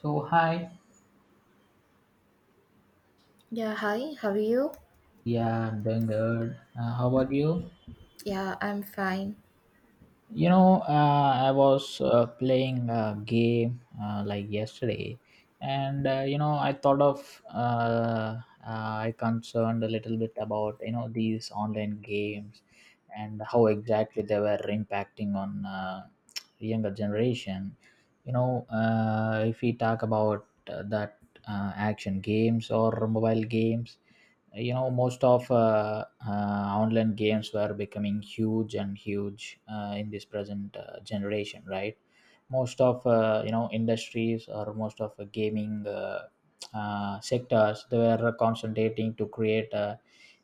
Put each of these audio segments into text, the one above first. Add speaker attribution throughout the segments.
Speaker 1: So hi,
Speaker 2: Yeah, hi, how are you?
Speaker 1: yeah, I'm doing good. How about you?
Speaker 2: Yeah, I'm fine.
Speaker 1: I was playing a game, like yesterday, and I thought of I concerned a little bit about these online games and how exactly they were impacting on younger generation. If we talk about that, action games or mobile games, most of online games were becoming huge and huge, in this present generation, right? Most of industries, or most of gaming sectors, they were concentrating to create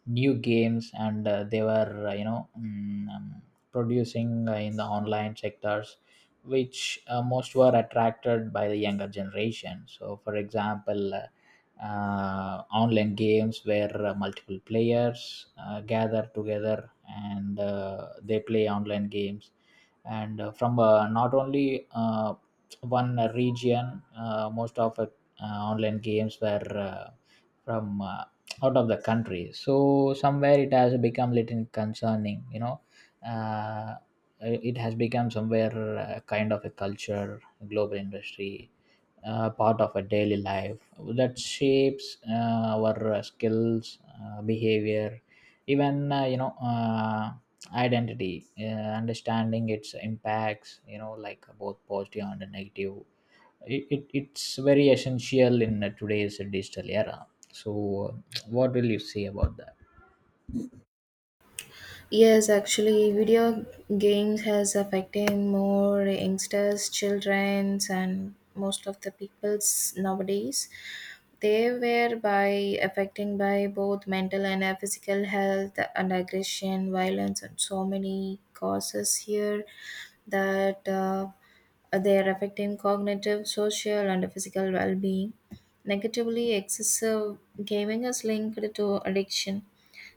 Speaker 1: new games, and they were producing in the online sectors, which most were attracted by the younger generation. So, for example, online games where multiple players gather together and they play online games, and from not only one region, most of online games were uh, from out of the country. So somewhere it has become little concerning, uh, it has become somewhere kind of a culture, global industry, part of a daily life, that shapes our skills, behavior, even identity. Understanding its impacts, like both positive and negative, it's very essential in today's digital era. So what will you say about that?
Speaker 2: Yes, actually, video games has affected more youngsters, childrens, and most of the peoples nowadays. They were by affecting by both mental and physical health and aggression, violence, and so many causes here that they are affecting cognitive, social, and physical well-being. Negatively, excessive gaming is linked to addiction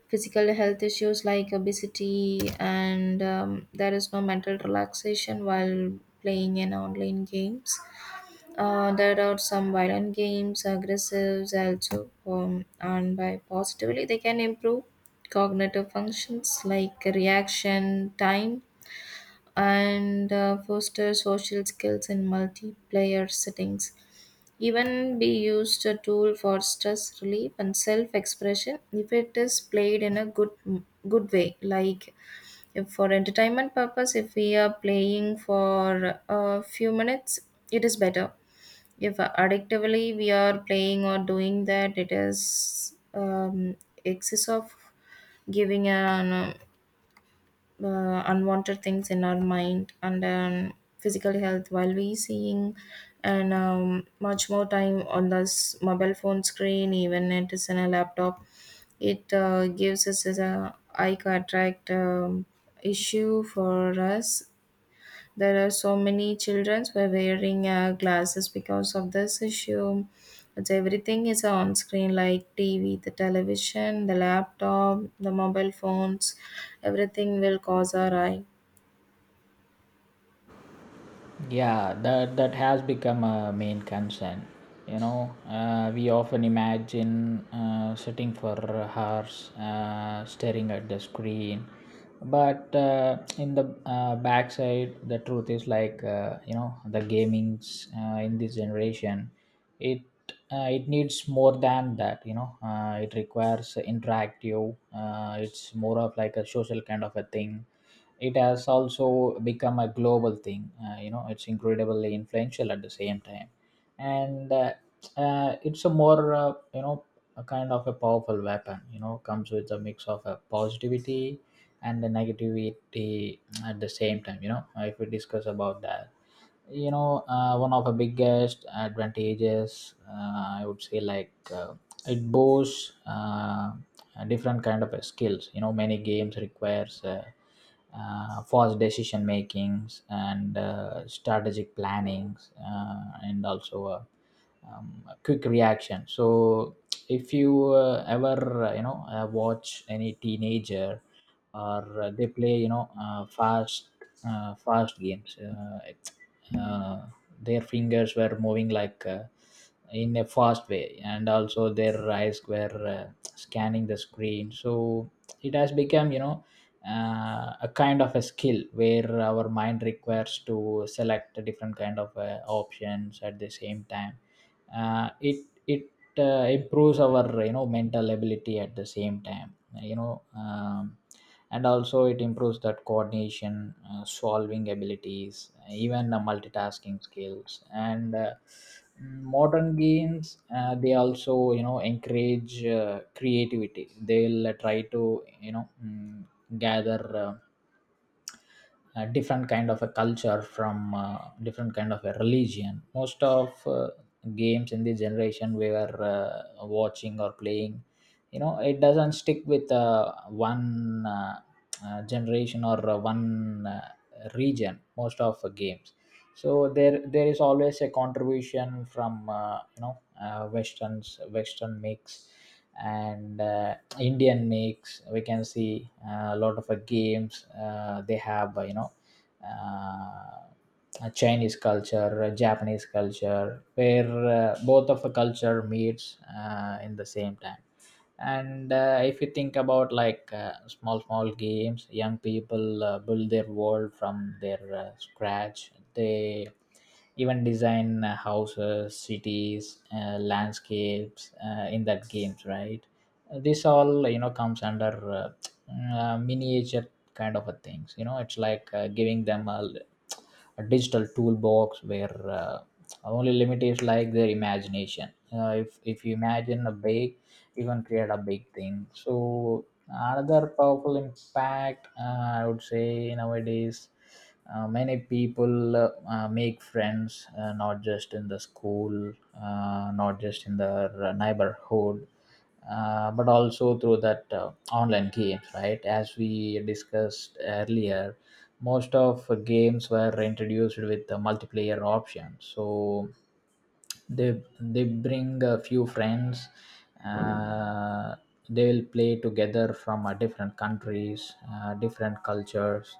Speaker 2: physical health issues like obesity, and there is no mental relaxation while playing in online games. There are some violent games, aggressives also, and by positively they can improve cognitive functions like reaction time and foster social skills in multiplayer settings, even be used a tool for stress relief and self expression if it is played in a good way, like if for entertainment purpose, if we are playing for a few minutes it is better. If addictively we are playing or doing that, it is excess of giving an unwanted things in our mind, and physical health while we seeing, and much more time on this mobile phone screen, even it is in a laptop, it gives us as a eye cataract issue for us. There are so many children who are wearing glasses because of this issue. It's everything is on screen like TV, the television, the laptop, the mobile phones. Everything will cause our eye.
Speaker 1: Yeah, that has become a main concern. We often imagine sitting for hours, staring at the screen, but in the backside, the truth is like, the gaming's, in this generation, it it needs more than that. It requires interactive. It's more of like a social kind of a thing. It has also become a global thing. It's incredibly influential at the same time, and it's a more, a kind of a powerful weapon, comes with a mix of a positivity and the negativity at the same time. If we discuss about that, one of the biggest advantages, I would say like, it boasts a different kind of skills. Many games requires fast decision makings, and strategic plannings, and also a quick reaction. So if you ever watch any teenager, or they play, fast games, it's, uh, their fingers were moving like, in a fast way, and also their eyes were scanning the screen. So it has become, a kind of a skill where our mind requires to select a different kind of options at the same time. It it it improves our, mental ability at the same time. you know um, and also it improves that coordination, solving abilities, even the multitasking skills. And modern games, they also, encourage creativity. They'll try to you know mm, gather a different kind of a culture from different kind of a religion. Most of games in this generation we were watching or playing, it doesn't stick with one generation, or one region, most of games. So there is always a contribution from westerns, western mix, and Indian mix. We can see a lot of games, they have, uh, a Chinese culture, a Japanese culture, where both of the culture meets in the same time. And if you think about, like, small small games, young people build their world from their scratch. They even design houses, cities, landscapes in that games, right? This all, comes under miniature kind of a things, it's like giving them a digital toolbox, where only limit is like their imagination. If you imagine a big, even create a big thing. So another powerful impact, I would say nowadays, many people make friends, not just in the school, not just in the neighborhood, but also through that online games, right? As we discussed earlier, most of games were introduced with the multiplayer option. So they bring a few friends. uh, they will play together from different countries, different cultures,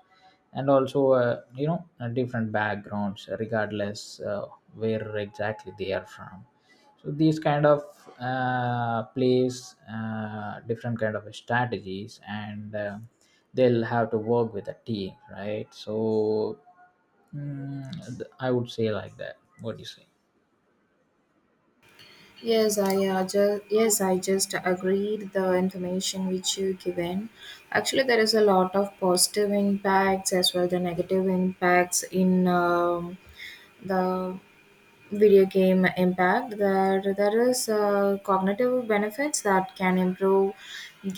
Speaker 1: and also different backgrounds, regardless where exactly they are from. So these kind of plays, different kind of strategies, and they'll have to work with a team, right? So mm, I would say like that. What do you say?
Speaker 2: Yes, I just agreed the information which you given. Actually, there is a lot of positive impacts as well the negative impacts in the video game impact, that there is cognitive benefits that can improve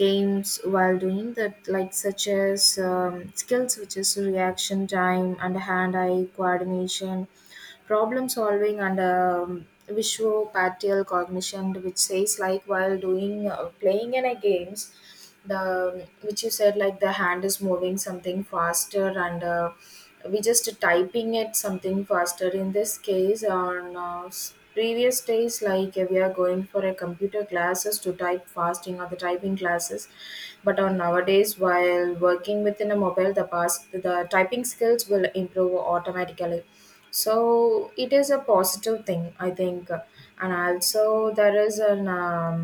Speaker 2: games while doing that, like such as skills which is reaction time and hand eye coordination, problem solving, and visual cognition, which says like while doing playing in a games, the which you said like the hand is moving something faster, and we just typing it something faster in this case. On previous days, like we are going for a computer classes to type fasting or the typing classes, but on nowadays while working within a mobile, the past the typing skills will improve automatically. So it is a positive thing, I think. And also there is an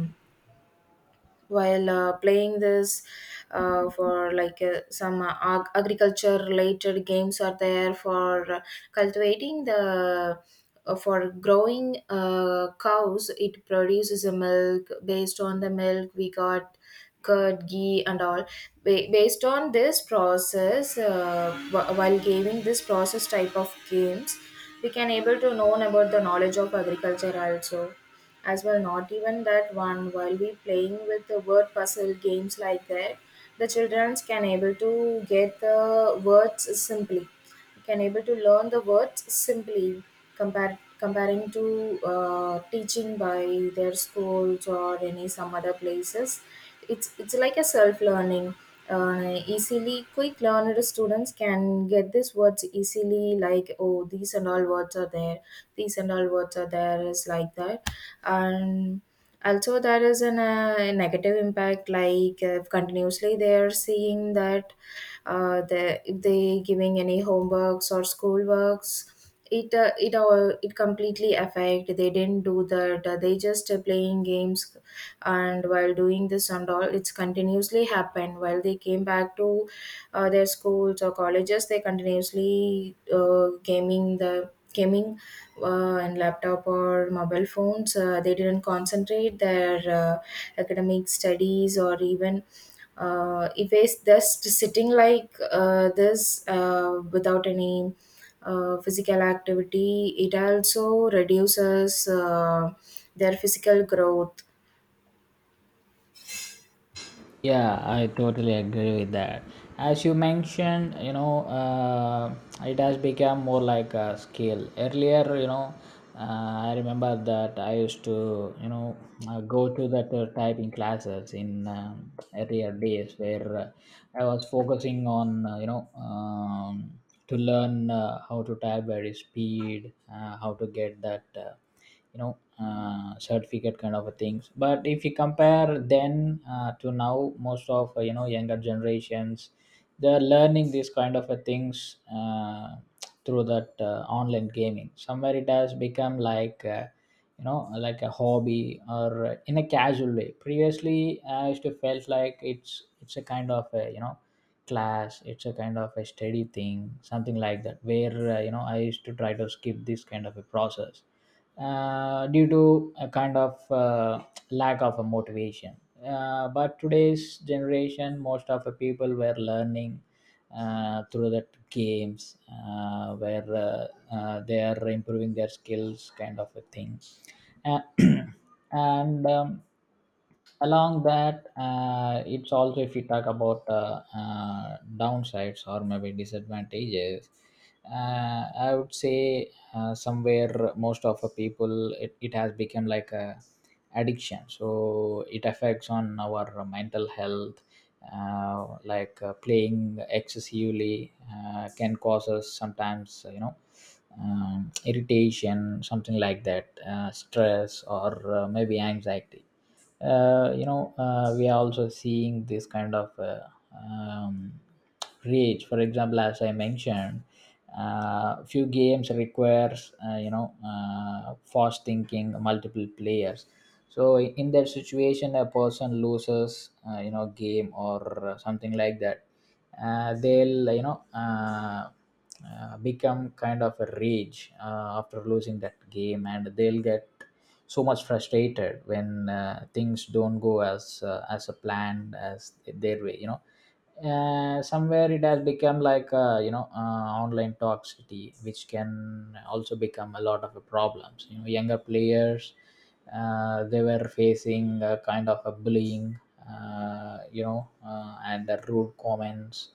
Speaker 2: while playing this, for like some agriculture related games are there for cultivating the, for growing cows. It produces a milk based on the milk we got, curd, ghee, and all. Based on this process, while giving this process type of games, we can able to know about the knowledge of agriculture also, as well. Not even that one, while we playing with the word puzzle games like that, the children can able to get the words simply, can able to learn the words simply, compare comparing to teaching by their schools or any some other places. It's like a self learning. Easily quick learner students can get these words easily, like oh, these and all words are there is like that. And also there is an negative impact, like continuously they are seeing that, they if they giving any homeworks or schoolworks, it completely affect, they didn't do that, they just playing games. And while doing this and all, it's continuously happened. While they came back to their schools or colleges, they continuously gaming and laptop or mobile phones. They didn't concentrate their academic studies, or even if it's just sitting like this, without any physical activity, it also reduces their physical growth.
Speaker 1: Yeah, I totally agree with that. As you mentioned, it has become more like a skill. Earlier, I remember that I used to, go to that typing classes in earlier days, where I was focusing on, to learn how to type very speed, how to get that. Certificate kind of a things, but if you compare then, to now, most of younger generations, they're learning these kind of a things through that online gaming. Somewhere it has become like, like a hobby, or in a casual way. Previously I used to felt like, it's a kind of a, class, it's a kind of a steady thing, something like that, where I used to try to skip this kind of a process due to a kind of lack of a motivation. But today's generation, most of the people were learning through the games, where they are improving their skills, kind of a thing. Uh, and Along that, it's also, if we talk about downsides or maybe disadvantages, I would say somewhere most of the people, it has become like a addiction. So it affects on our mental health, like playing excessively can cause us sometimes, irritation, something like that, stress, or maybe anxiety. We are also seeing this kind of um, rage, for example, as I mentioned. Few games requires fast thinking, multiple players. So in that situation, a person loses game, or something like that. They'll, become kind of a rage after losing that game, and they'll get so much frustrated when things don't go as, as a planned, as their way. Somewhere it has become like, online toxicity, which can also become a lot of problems. Younger players, they were facing a kind of a bullying, and the rude comments,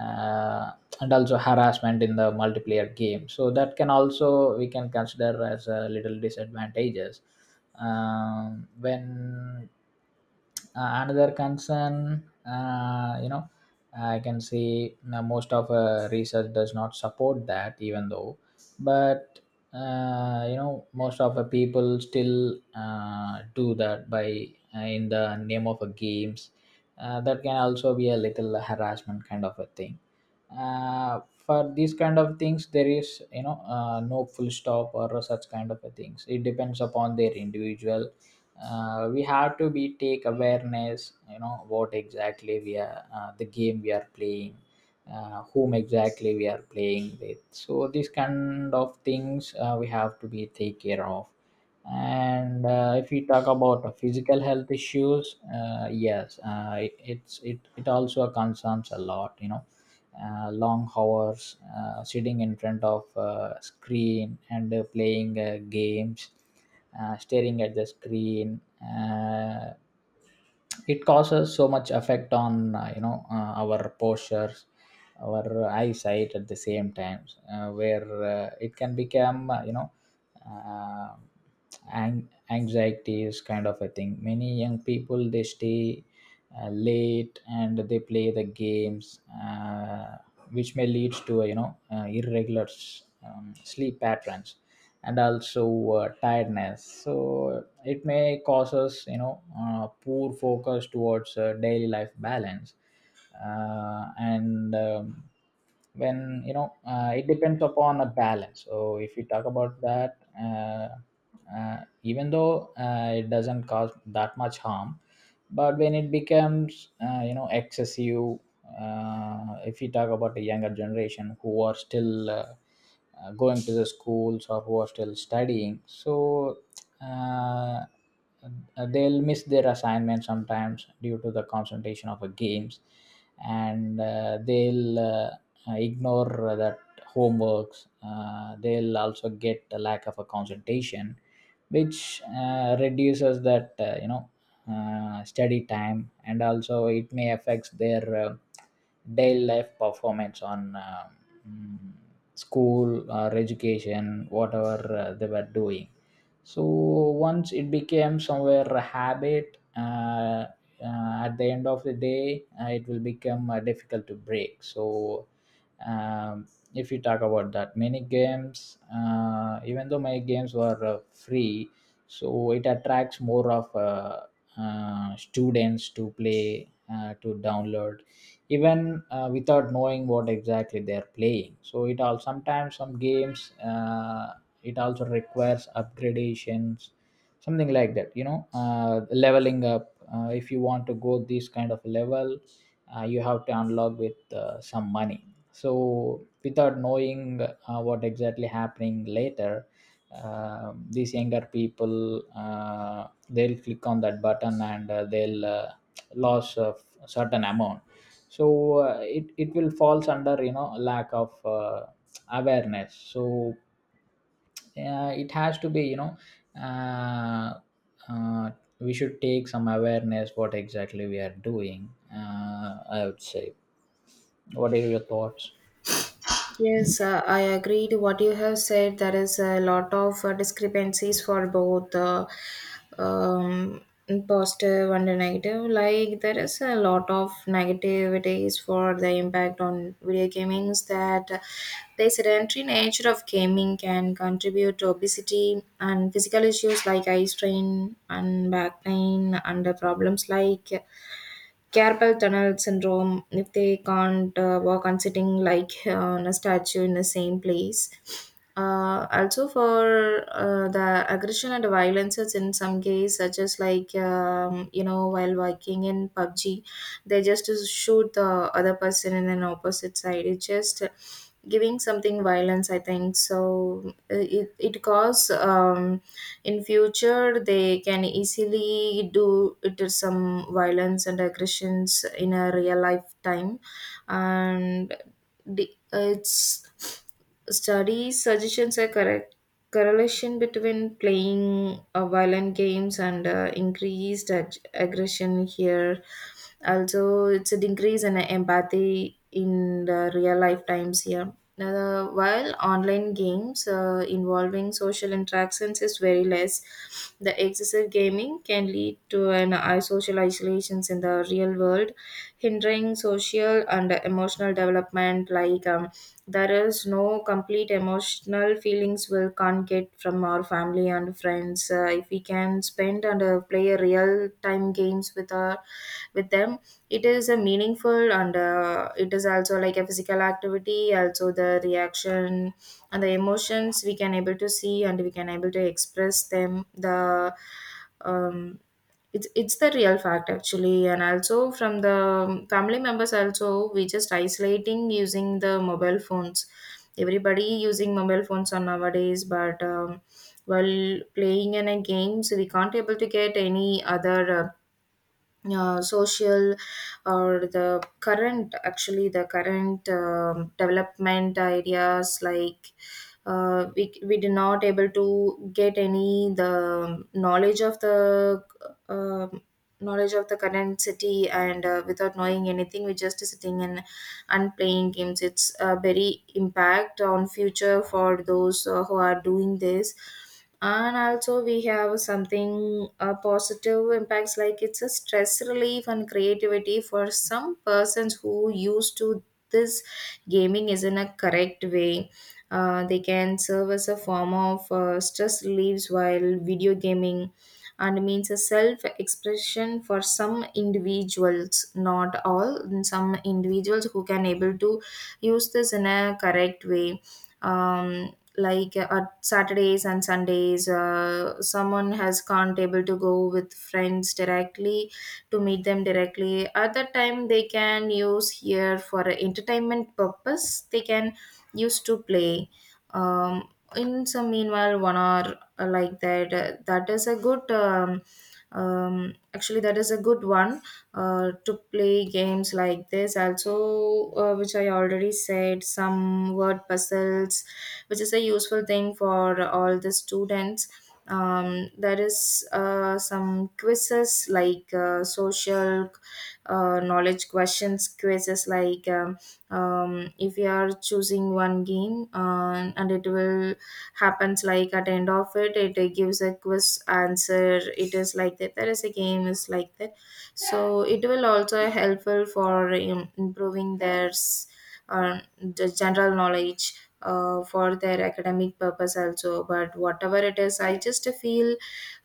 Speaker 1: uh, and also harassment in the multiplayer game. So that can also, we can consider as a little disadvantages. When, another concern, I can see now, most of research does not support that, even though. But most of the people still do that by in the name of a games, that can also be a little harassment kind of a thing. For these kind of things, there is, no full stop or such kind of a things. It depends upon their individual. We have to be take awareness, what exactly we are the game we are playing, whom exactly we are playing with. So these kind of things, we have to be take care of. And if we talk about physical health issues, yes, it also concerns a lot. Long hours sitting in front of screen and playing games, staring at the screen, it causes so much effect on our postures, our eyesight at the same time, where it can become uh, anxieties kind of a thing. Many young people, they stay late and they play the games, which may lead to irregular sleep patterns, and also tiredness. So it may cause us, poor focus towards daily life balance. And When, it depends upon a balance. So if we talk about that Even though it doesn't cause that much harm, but when it becomes excessive. If we talk about the younger generation who are still going to the schools or who are still studying, so uh, they'll miss their assignments sometimes due to the concentration of the games, and they'll ignore that homeworks. They'll also get a lack of a concentration, which reduces that study time, and also it may affect their daily life performance on mm, school or education, whatever they were doing. So once it became somewhere a habit, at the end of the day, it will become difficult to break. So um, if you talk about that, many games, even though my games were free, so it attracts more of students to play, to download, even without knowing what exactly they're playing. So it all, sometimes some games, it also requires upgradations, something like that, you know, leveling up. If you want to go this kind of level, you have to unlock with some money. So without knowing what exactly happening later, these younger people, uh, they'll click on that button and they'll lose a certain amount. So it will falls under, you know, lack of awareness. So it has to be, you know, uh, uh, we should take some awareness what exactly we are doing. uh, I would say, what are your thoughts?
Speaker 2: Yes, I agree to what you have said. There is a lot of discrepancies for both, um, positive and negative. Like there is a lot of negativities for the impact on video gaming, is that the sedentary nature of gaming can contribute to obesity and physical issues like eye strain and back pain, and the problems like carpal tunnel syndrome if they can't work on sitting like on a statue in the same place. Also for the aggression and violences, in some case such as like you know, while working in pubg, they just shoot the other person in an opposite side, it just giving something violence, I think. So it cause, in future they can easily do it, is some violence and aggressions in a real life time. And it's study suggestions a correct correlation between playing violent games and increased aggression here. Also it's a decrease in empathy in the real life times here. While online games involving social interactions is very less, the excessive gaming can lead to an social isolations in the real world, hindering social and emotional development, like there is no complete emotional feelings we can't get from our family and friends if we can spend and play a real time games with our with them. It is a meaningful, and it is also like a physical activity, also the reaction and the emotions we can able to see and we can able to express them, the um, it's the real fact actually. And also from the family members also, we just isolating using the mobile phones. Everybody using mobile phones on nowadays, but while playing in a games, we can't able to get any other. Social, or the current, actually the current development ideas, like we did not able to get any the knowledge of the um knowledge of the current city. And without knowing anything, we just sitting in and playing games, it's a very impact on future for those who are doing this. And also we have something positive impacts, like it's a stress relief and creativity for some persons who used to this, gaming is in a correct way. They can serve as a form of stress reliefs while video gaming, and means a self expression for some individuals, not all, some individuals who can able to use this in a correct way. um, like on saturdays and sundays, someone has can't able to go with friends directly to meet them directly, at that time they can use here for a entertainment purpose, they can use to play um, in some meanwhile 1 hour like that, that is a good, actually that is a good one to play games like this. Also which I already said, some word puzzles, which is a useful thing for all the students. There is some quizzes, like social knowledge questions quizzes, like if you are choosing one game and it will happens like at the end of it it gives a quiz answer, it is like that, there is a game is like that. So it will also helpful for improving their the general knowledge for their academic purpose also. But whatever it is, I just feel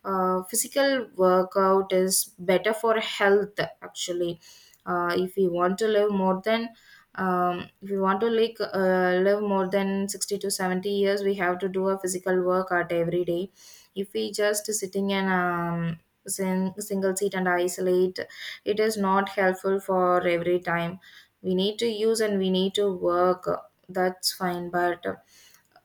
Speaker 2: physical workout is better for health actually. If we want to live more than, if we want to like live more than 60 to 70 years, we have to do a physical workout every day. If we just sitting in single seat and isolate, it is not helpful for every time, we need to use and we need to work, that's fine, but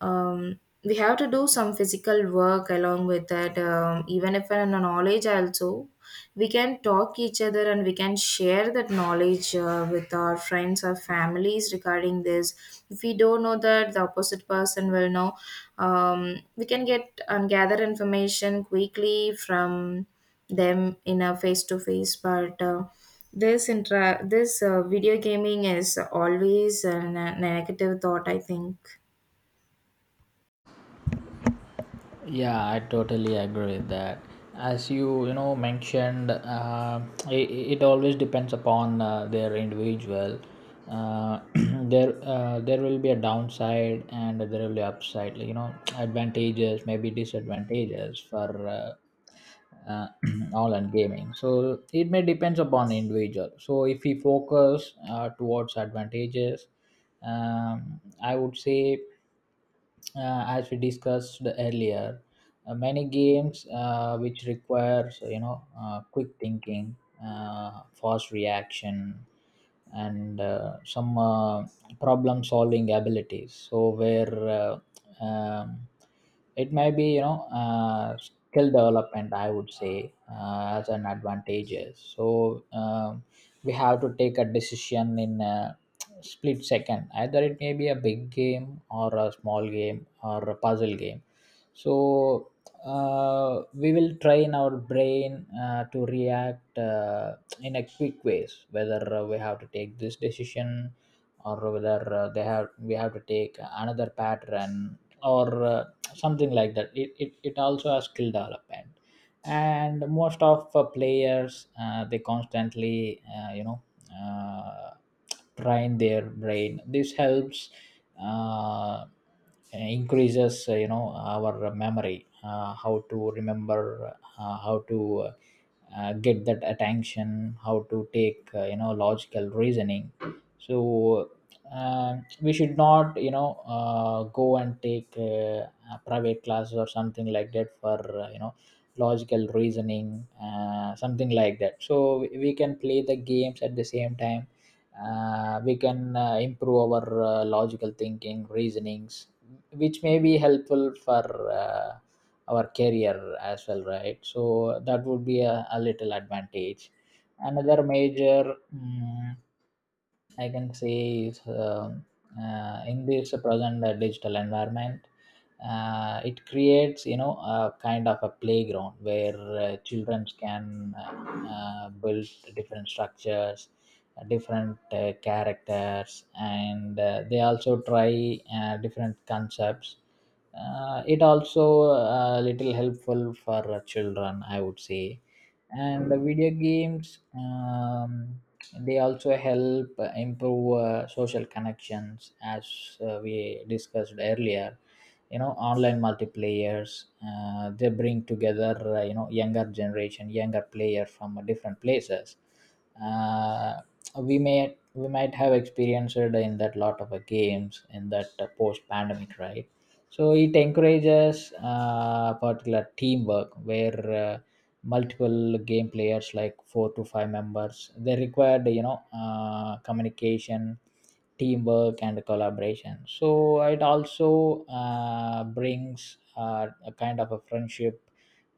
Speaker 2: um, we have to do some physical work along with that. Even if in a knowledge also, we can talk each other and we can share that knowledge with our friends or families regarding this. If we don't know that, the opposite person will know, we can get and gather information quickly from them in a face to face. But this video gaming is always a negative thought, I think.
Speaker 1: Yeah, I totally agree with that. As you know, mentioned, it, it always depends upon their individual. There will be a downside and there will be upside. You know, advantages maybe disadvantages for uh, online gaming. So it may depends upon individual. So if we focus towards advantages, I would say as we discussed earlier, many games which requires, you know, quick thinking, fast reaction, and some problem solving abilities. So where um, it may be, you know, skill development, I would say, as an advantage is. So we have to take a decision in a split second, either it may be a big game or a small game or a puzzle game. So we will train our brain to react in a quick ways, whether we have to take this decision or whether they have we have to take another pattern, or something like that. It also has skill development, and most of players, they constantly uh, train their brain. This helps uh, increases our memory, how to remember, how to uh, get that attention, how to take logical reasoning. So we should not, you know, go and take a private classes or something like that for logical reasoning, something like that. So we can play the games at the same time. We can improve our logical thinking reasonings, which may be helpful for uh, our career as well, right? So that would be a little advantage. Another major, I can say, is in this present digital environment, it creates, you know, a kind of a playground where children can build different structures, different characters, and they also try different concepts. It also little helpful for children, I would say. And the video games, they also help improve social connections, as we discussed earlier. You know, online multiplayers, they bring together younger generation, younger player from different places. uh, we may, we might have experienced in that, lot of games in that post pandemic, right? So it encourages particular teamwork, where multiple game players, like four to five members, they required, you know, communication, teamwork, and collaboration. So it also brings a kind of a friendship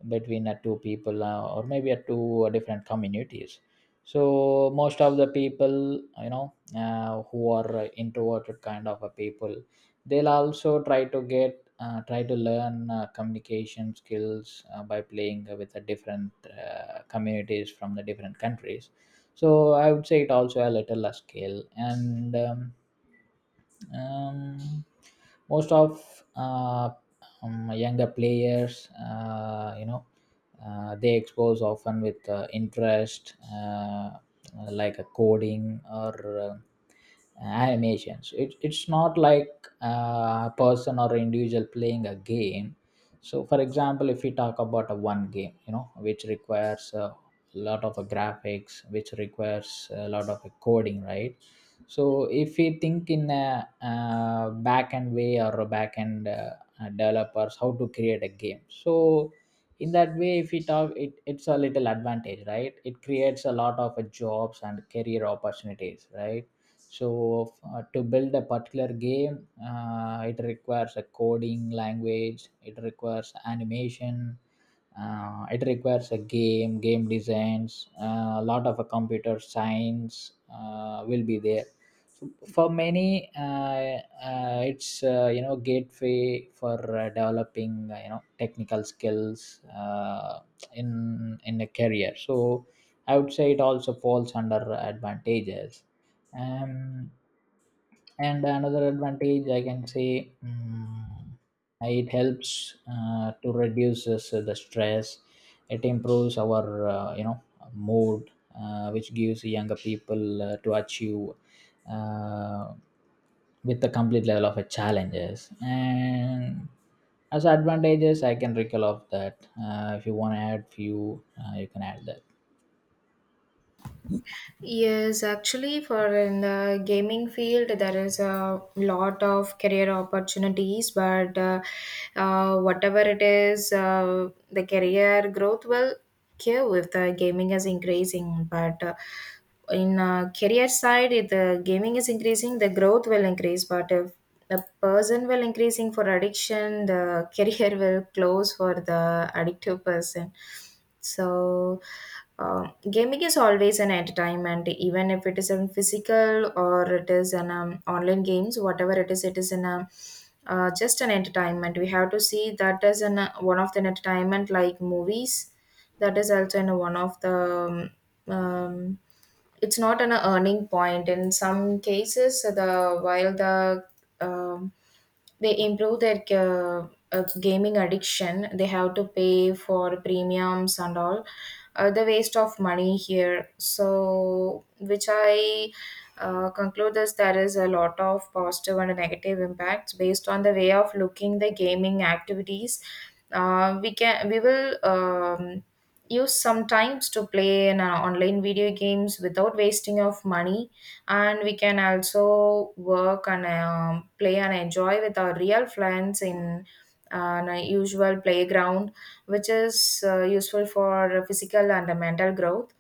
Speaker 1: between two people or maybe two different communities. So most of the people, you know, who are introverted kind of a people, they'll also try to get try to learn communication skills by playing with the different communities from the different countries. So I would say it also a little a skill and. Um, Most of younger players, they expose often with interest like a coding or animations. It's not like a person or individual playing a game. So for example, if we talk about a one game, you know, which requires lot of graphics, which requires a lot of coding, right? So if we think in a, back end way, or a back end developers, how to create a game. So in that way, if we talk, it's a little advantage, right? It creates a lot of jobs and career opportunities, right? So to build a particular game, it requires a coding language, it requires animation, it requires a game designs, a lot of a computer science will be there. So for many it's gateway for developing technical skills in a career. So I would say it also falls under advantages. um, and another advantage I can say, it helps to reduce this, the stress. It improves our mood, which gives younger people to achieve uh, with the complete level of a challenges. And as advantages I can recall of that, if you want to add few, you can add that.
Speaker 2: Yes, actually, for in the gaming field, there is a lot of career opportunities, but whatever it is, the career growth will give with the gaming is increasing. But in career side, if the gaming is increasing, the growth will increase. But if the person will increasing for addiction, the career will close for the addictive person. So, gaming is always an entertainment, even if it is in physical or it is in online games, whatever it is in a just an entertainment. We have to see that as an one of the entertainment like movies. That is also in one of the um, um, it's not an earning point in some cases. The while the um, they improve their gaming addiction, they have to pay for premiums and all, the waste of money here. So which I conclude is there is a lot of positive and negative impacts based on the way of looking the gaming activities. We can, we will use sometimes to play in online video games without wasting of money. And we can also work and play and enjoy with our real friends in an usual playground, which is useful for physical and mental growth.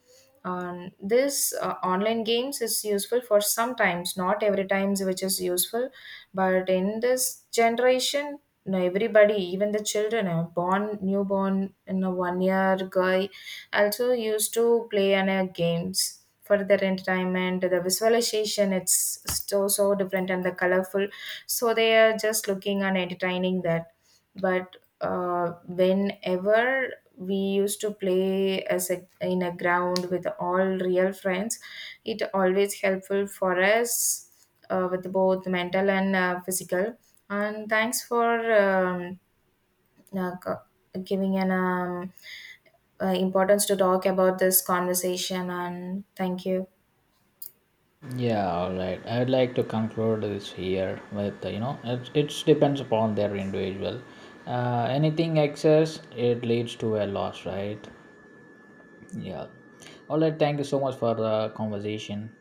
Speaker 2: This online games is useful for sometimes, not every times which is useful. But in this generation, you know, everybody, even the children born newborn, you know, 1 year guy also used to play on games for their entertainment, the visualization. It's so so different and the colorful, so they are just looking and entertaining that. But whenever we used to play as a, in a ground with all real friends, it always helpful for us with both mental and physical. And thanks for um, uh, co- giving an importance to talk about this conversation. And thank you.
Speaker 1: Yeah, all right. I would like to conclude this here with, you know, it depends upon their individual. Anything excess it leads to a loss, right? Yeah. All right. Thank you so much for the conversation.